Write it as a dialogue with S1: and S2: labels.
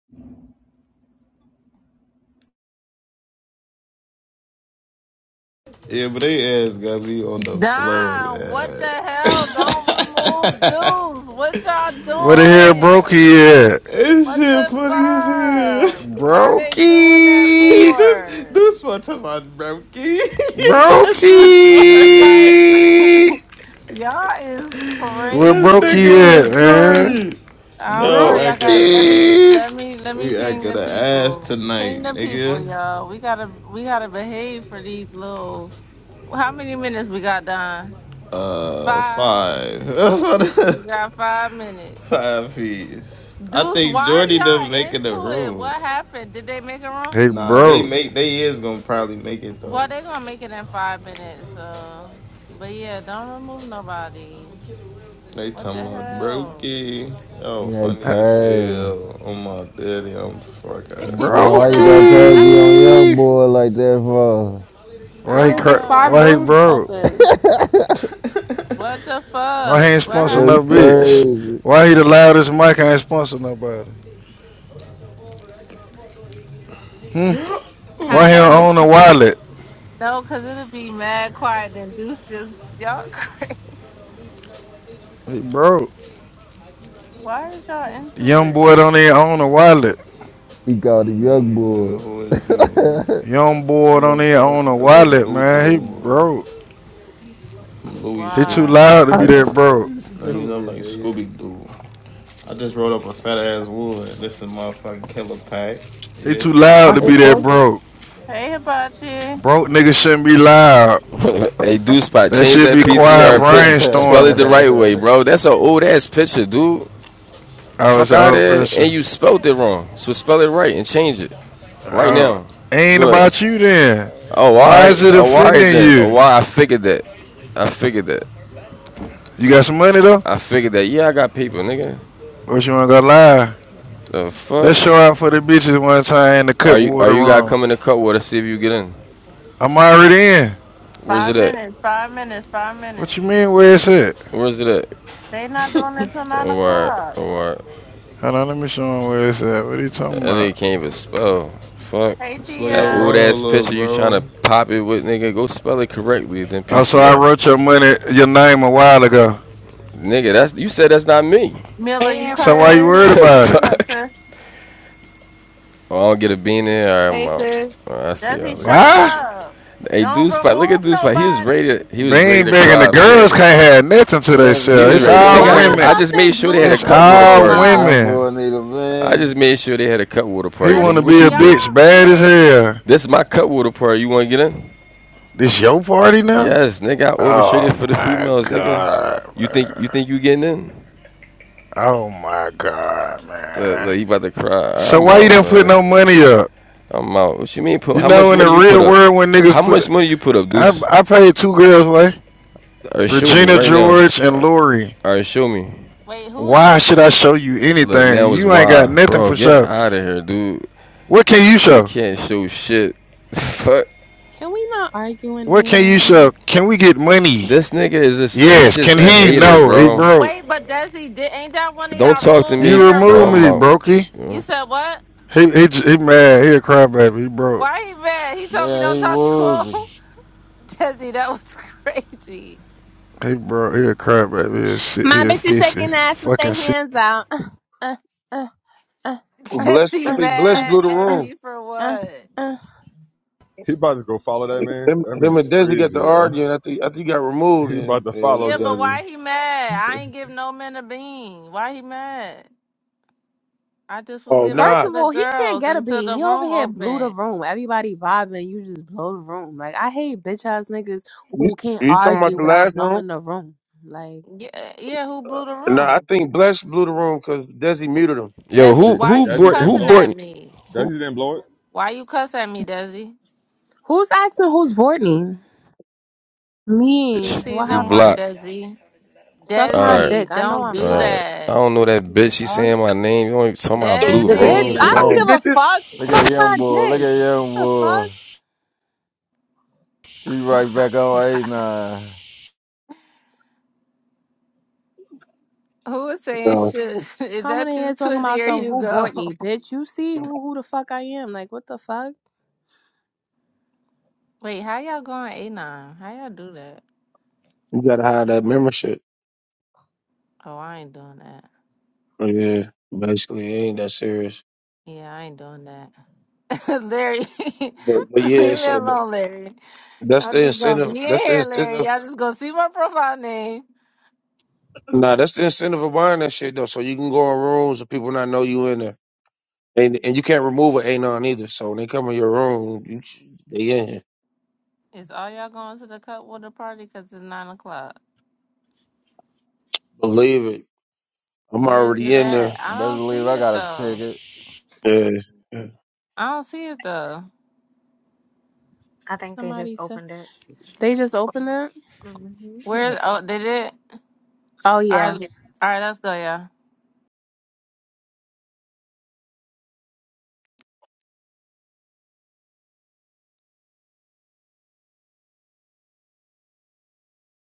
S1: Yeah, but they ass got me on the floor,
S2: Don, what the
S1: man.
S2: hell? Don't remove dudes. What
S3: Where the
S2: y'all
S3: hell
S2: doing?
S3: Brokey at?
S1: This
S2: What
S1: shit
S2: the
S1: funny as
S2: fuck?
S1: hell.
S2: Why they doing that
S3: Brokey!
S1: this
S2: for?
S1: this one talking about Brokey. His ass
S3: Brokey!
S1: retarded.
S2: like, y'all is
S3: Where
S1: This
S3: Brokey
S2: crazy.
S1: nigga
S3: at, man?
S1: retarded.
S2: I don't know.
S1: Yo,
S2: Y'all
S1: acting
S2: got
S1: a
S2: let me
S3: Brokey!
S2: let me let me
S1: we
S2: ping
S1: acting
S2: the
S1: a ass
S2: people.
S1: tonight,
S2: Ping the people,
S1: nigga.
S2: y'all. We gotta we gotta behave for these little. How many minutes we got, Don?
S1: Uh,
S2: Five.
S1: five,
S2: We got five minutes.
S1: five piece. I
S2: Dudes,
S1: think
S2: why
S1: Jordy them
S2: y'all
S1: making the
S2: into it?
S1: room.
S2: What happened? Did they make a room?
S3: Hey,
S1: Nah, they
S3: bro.
S1: make they is gonna probably make it though.
S2: Well, they gonna make it in five minutes. So, but yeah, don't remove nobody.
S1: They
S2: What
S1: talking
S2: the
S1: about
S2: hell,
S1: Brokey. Yo,
S4: Yeah,
S1: funny
S3: Uh,
S1: as
S4: crazy.
S1: hell. Oh my daddy, I'm fucking
S4: Man, why you go
S2: Mila?
S1: rolling.
S4: crazy on young
S3: Brokey!
S4: boy like that for?
S2: I
S5: Now
S3: Why he
S5: there's
S2: don't
S3: cra-
S5: like
S6: And
S5: five
S3: Why he
S2: know.
S5: rooms
S6: back.
S3: broke?
S5: open.
S2: What the
S3: Why he
S2: fuck?
S3: ain't
S2: What
S3: sponsor
S2: happened?
S3: no
S4: That's
S3: bitch?
S4: crazy.
S3: Why he the loudest mic I ain't sponsor nobody? Hmm?
S2: How
S1: oh
S3: Why he
S2: y'all
S3: don't
S1: shit.
S2: get?
S3: own a wallet?
S2: No, cause it'll be mad quiet and Deuce just y'all crazy.
S3: He broke.
S2: Why is y'all into
S3: Young
S2: it?
S3: boy don't even own a wallet.
S4: He called him young
S1: Mm, Nigga,
S4: boy.
S1: who is you?
S3: Young boy
S1: I'm
S3: don't
S1: gonna
S3: even
S1: perch.
S3: own a
S1: I go
S3: wallet,
S1: do to
S3: man. He
S1: the
S3: broke.
S1: Louis
S3: He too
S2: Why?
S1: shoe.
S3: loud to be that broke.
S1: Now you know
S4: Stupid
S1: like
S4: nigga.
S1: Scooby Doo. I just rolled up a fat ass wood. This is motherfucking killer pack. You
S3: He
S1: hear
S3: too
S1: me?
S3: loud to be
S7: Well,
S3: that broke.
S2: Hey, Hibachi.
S3: Broke niggas shouldn't be loud.
S8: Hey, do spot,
S3: That
S8: change
S3: should
S8: that
S3: be
S4: Uh,
S3: quiet
S8: PCR. Put spell it the
S3: brainstorming.
S8: right way, bro. That's a old ass picture, dude.
S3: I was
S8: Fuck
S3: an
S8: out of
S3: old
S8: there, and
S3: person.
S8: you spelled it wrong. So spell it right and change it right
S3: Oh,
S8: now.
S3: ain't
S8: Good.
S3: about you then.
S8: Oh, all
S3: Why
S8: right.
S3: is it
S8: Oh, all right
S3: offending
S8: then. Oh,
S3: you?
S8: why? I figured that. I figured that.
S3: You got some money though?
S8: I figured that. Yeah, I got paper, nigga.
S3: Or you wanna go lie?
S8: The fuck?
S3: Let's show out for the bitches one time in the
S8: Are
S3: cut
S8: you are
S3: water
S8: you guys
S3: room.
S8: coming to Cutwater? See if you get in.
S3: I'm already in.
S8: Where's
S2: Five
S8: it at?
S2: minutes. Five minutes. Five
S3: What
S2: minutes.
S3: you mean where it's at?
S8: Where's it at?
S2: They not doing it till
S8: Oh,
S2: nine
S8: All right.
S2: o'clock.
S8: Oh, All right.
S3: Hold on, let me show him where it's at. What are you
S8: That
S3: talking about?
S8: nigga can't even spell. Fuck.
S2: Hey,
S1: Slow
S8: That
S1: your
S2: Dia.
S8: old ass
S1: roll up,
S8: picture you trying to
S1: bro.
S8: pop it with, nigga. Go spell it correctly, then
S3: Oh, so I
S8: PTR.
S3: wrote your money, your name a while ago.
S8: Nigga, that's you said that's not me.
S2: Miller,
S9: Hey
S2: you
S3: So why
S2: coming
S3: you
S2: in
S9: Amber.
S3: worried
S2: there?
S3: about it?
S2: What's up,
S8: Fuck.
S2: sis?
S8: Oh, I don't get a bean in. All right, I'm
S9: Hey
S8: out.
S9: sis.
S8: All right, I see y'all
S2: Desi, shut
S8: later.
S3: Why?
S2: up.
S8: Hey,
S2: Don't
S8: dude, spot. Look at
S2: remove
S8: dude, spot. He was ready. To,
S2: nobody.
S8: he was ready
S3: Bean
S8: to
S3: begging the
S8: cry. Look at
S3: girls
S8: him.
S3: can't have nothing to
S4: Desi
S8: He
S3: themselves.
S8: was
S4: need
S3: It's
S4: a
S8: ready. They
S3: all
S8: got
S10: Why
S8: a. I
S10: the
S3: women.
S4: band.
S10: fuck
S8: just
S10: they
S8: made sure they
S10: blew
S8: had a
S10: the
S3: It's
S8: cut water
S3: all
S10: room
S8: party.
S10: up?
S4: Young
S3: women.
S4: boy need a
S8: I
S4: band.
S8: just made sure they had a cut water
S3: He
S8: party, nigga.
S3: wanna
S2: Desi,
S8: What
S3: be
S2: can
S8: you
S3: a
S8: do?
S3: bitch
S2: y'all
S3: bad as
S2: behave?
S3: hell.
S8: This is my cut water party. You want to get in?
S3: This your party now?
S8: Yes, nigga, I orchestrated
S3: Oh
S8: for the
S3: my
S8: females, nigga.
S3: god.
S8: You think you think you getting in?
S3: Oh my god,
S8: Look,
S3: man.
S8: look, you about to cry.
S3: So
S8: I'm
S3: why you
S8: out,
S3: didn't put
S8: man.
S3: no money up?
S8: I'm out. What you mean? Put,
S3: You
S8: how much
S3: know, in the
S8: money you put
S3: real
S8: up?
S3: world, when
S8: How
S3: niggas put,
S8: much money you put up,
S3: I
S8: Deuce?
S3: I paid two girls way,
S8: All right, show me
S3: Regina
S8: right now.
S3: George and Lori.
S8: All right, show me.
S2: Wait, who is.
S3: Why should I
S2: Re-
S3: show you
S8: Look,
S3: anything?
S8: now is
S3: You ain't got
S8: why,
S3: nothing
S8: bro.
S3: for
S8: Get
S3: show.
S8: out of here, dude.
S3: What can you
S8: You
S3: show?
S8: can't show shit. Fuck.
S10: Can we not argue in
S3: What can you
S10: here?
S3: show? Can we get money?
S8: This nigga is just he
S3: Yes.
S8: just
S3: Can
S8: a
S3: he?
S8: hater,
S3: No. He
S8: bro.
S3: broke.
S2: Wait, but Desi, did, ain't that one of
S8: Don't
S2: y'all
S8: talk to
S2: rules
S8: me,
S3: You
S2: in the
S3: remove
S8: bro. I'm
S3: me,
S8: out.
S2: room?
S3: brokey.
S8: You
S2: You
S8: know?
S2: said what?
S3: He he he mad. He a crybaby. He broke.
S2: Why he mad? He told me
S4: There
S2: don't
S4: he
S2: talk to him.
S4: woozy.
S2: Desi, that was crazy.
S3: He broke. He a crybaby. He a, si- he
S10: My
S3: a
S10: bitch is
S3: fissy.
S10: shaking ass with their
S3: Fucking sick.
S10: hands out. Uh, uh, uh, uh,
S11: Bless, I
S2: Desi
S10: uh,
S11: think Bless blew
S2: mad
S11: the
S2: at
S10: uh, uh,
S11: room.
S2: me for
S10: uh,
S2: what?
S10: uh.
S12: He about to go follow that man.
S11: Him,
S12: That
S11: him
S12: man's
S11: and Desi got
S12: crazy,
S11: to
S12: yo.
S11: arguing. I think, I think he got removed.
S12: He about
S11: And
S12: to
S11: and,
S12: follow
S2: Yeah, but
S11: and
S12: Desi.
S2: why he mad? I ain't give no man a bean. Why he mad? I just was
S11: oh
S2: giving it
S10: First
S11: nah,
S2: to
S10: of
S2: the
S10: all, he can't
S2: girls
S10: get a
S2: until
S10: bean.
S2: the
S10: He over
S2: room
S10: here blew the
S2: opened.
S10: room. Everybody vibing. You just blow the room. Like, I hate bitch ass niggas
S11: you,
S10: who can't
S11: you talking about
S10: argue
S11: the
S10: without
S11: last room?
S10: blowing the room. Like,
S2: Yeah, yeah. Who blew the
S11: Nah, I
S2: room?
S11: think Bless blew the room because Desi muted him.
S8: Yo,
S2: Desi,
S8: who
S12: Did
S2: why
S8: who
S2: you
S12: Desi
S8: bought
S12: didn't
S8: who
S2: cussing
S12: blow it?
S2: at
S8: bought
S2: me?
S8: who?
S12: Desi didn't blow it?
S2: Why you cuss at me, Desi?
S10: who's asking who's voting?
S2: She
S10: Me.
S8: bitch?
S10: What
S8: You
S2: season one,
S10: happened?
S8: blocked.
S2: Desi.
S10: Suck
S8: All
S10: my
S8: right.
S2: Desi,
S10: dick. I know
S2: don't
S10: I'm
S8: All
S2: do
S10: black.
S8: right. I
S2: that.
S8: don't know that
S10: The
S8: bitch. She
S10: fuck?
S8: saying my name. You want talking about
S11: So
S8: blue
S11: Desi,
S10: Bitch,
S11: keep
S8: rooms,
S10: I don't
S8: bro?
S11: blocking
S2: Desi.
S10: give a
S11: bitches?
S10: fuck.
S4: Look at
S10: Suck my
S4: young boy. Look
S10: dick.
S4: at young
S10: What The
S4: boy.
S10: fuck?
S4: He
S2: Oh
S4: right
S2: my
S4: back on
S2: God.
S4: 89. Best
S2: Who is saying
S11: No,
S2: shit? Is
S10: Coming in
S2: that you,
S10: here talking
S2: Twizzy
S10: about
S2: or
S10: some who
S2: Hugo?
S10: bought me, bitch. You see who who the fuck I am. Like what the fuck?
S2: Wait, how y'all going A9? How y'all do that?
S11: you gotta hide that membership.
S2: Oh, I ain't doing that.
S11: Oh, yeah, basically, it ain't that serious.
S2: Yeah, I ain't doing that. Larry,
S11: But, but yeah,
S2: leave me
S11: so th-
S2: alone, Larry.
S11: that's
S2: Y'all
S11: the
S2: just gonna be
S11: incentive.
S2: in
S11: That's the
S2: here, Larry.
S11: incentive.
S2: Y'all just gonna see my profile name.
S11: Nah, that's the incentive of buying that shit though. So you can go in rooms and people not know you in there. And and you can't remove an anon either. So when they come in your room, you, they in.
S2: Is all y'all going to the cup with party? Cause it's nine o'clock.
S11: Believe it. I'm
S2: Where is
S11: already
S2: it
S11: in
S2: at? I don't
S4: believe
S2: see
S4: I
S2: it
S4: got a
S2: though.
S4: ticket.
S11: there. Yeah.
S2: I don't see it though.
S6: I think they just
S10: Somebody said
S6: opened it.
S10: they just opened it?
S6: hmm
S2: Where's oh they did?
S10: Oh
S2: All
S10: yeah.
S2: right, all right, let's go, y'all.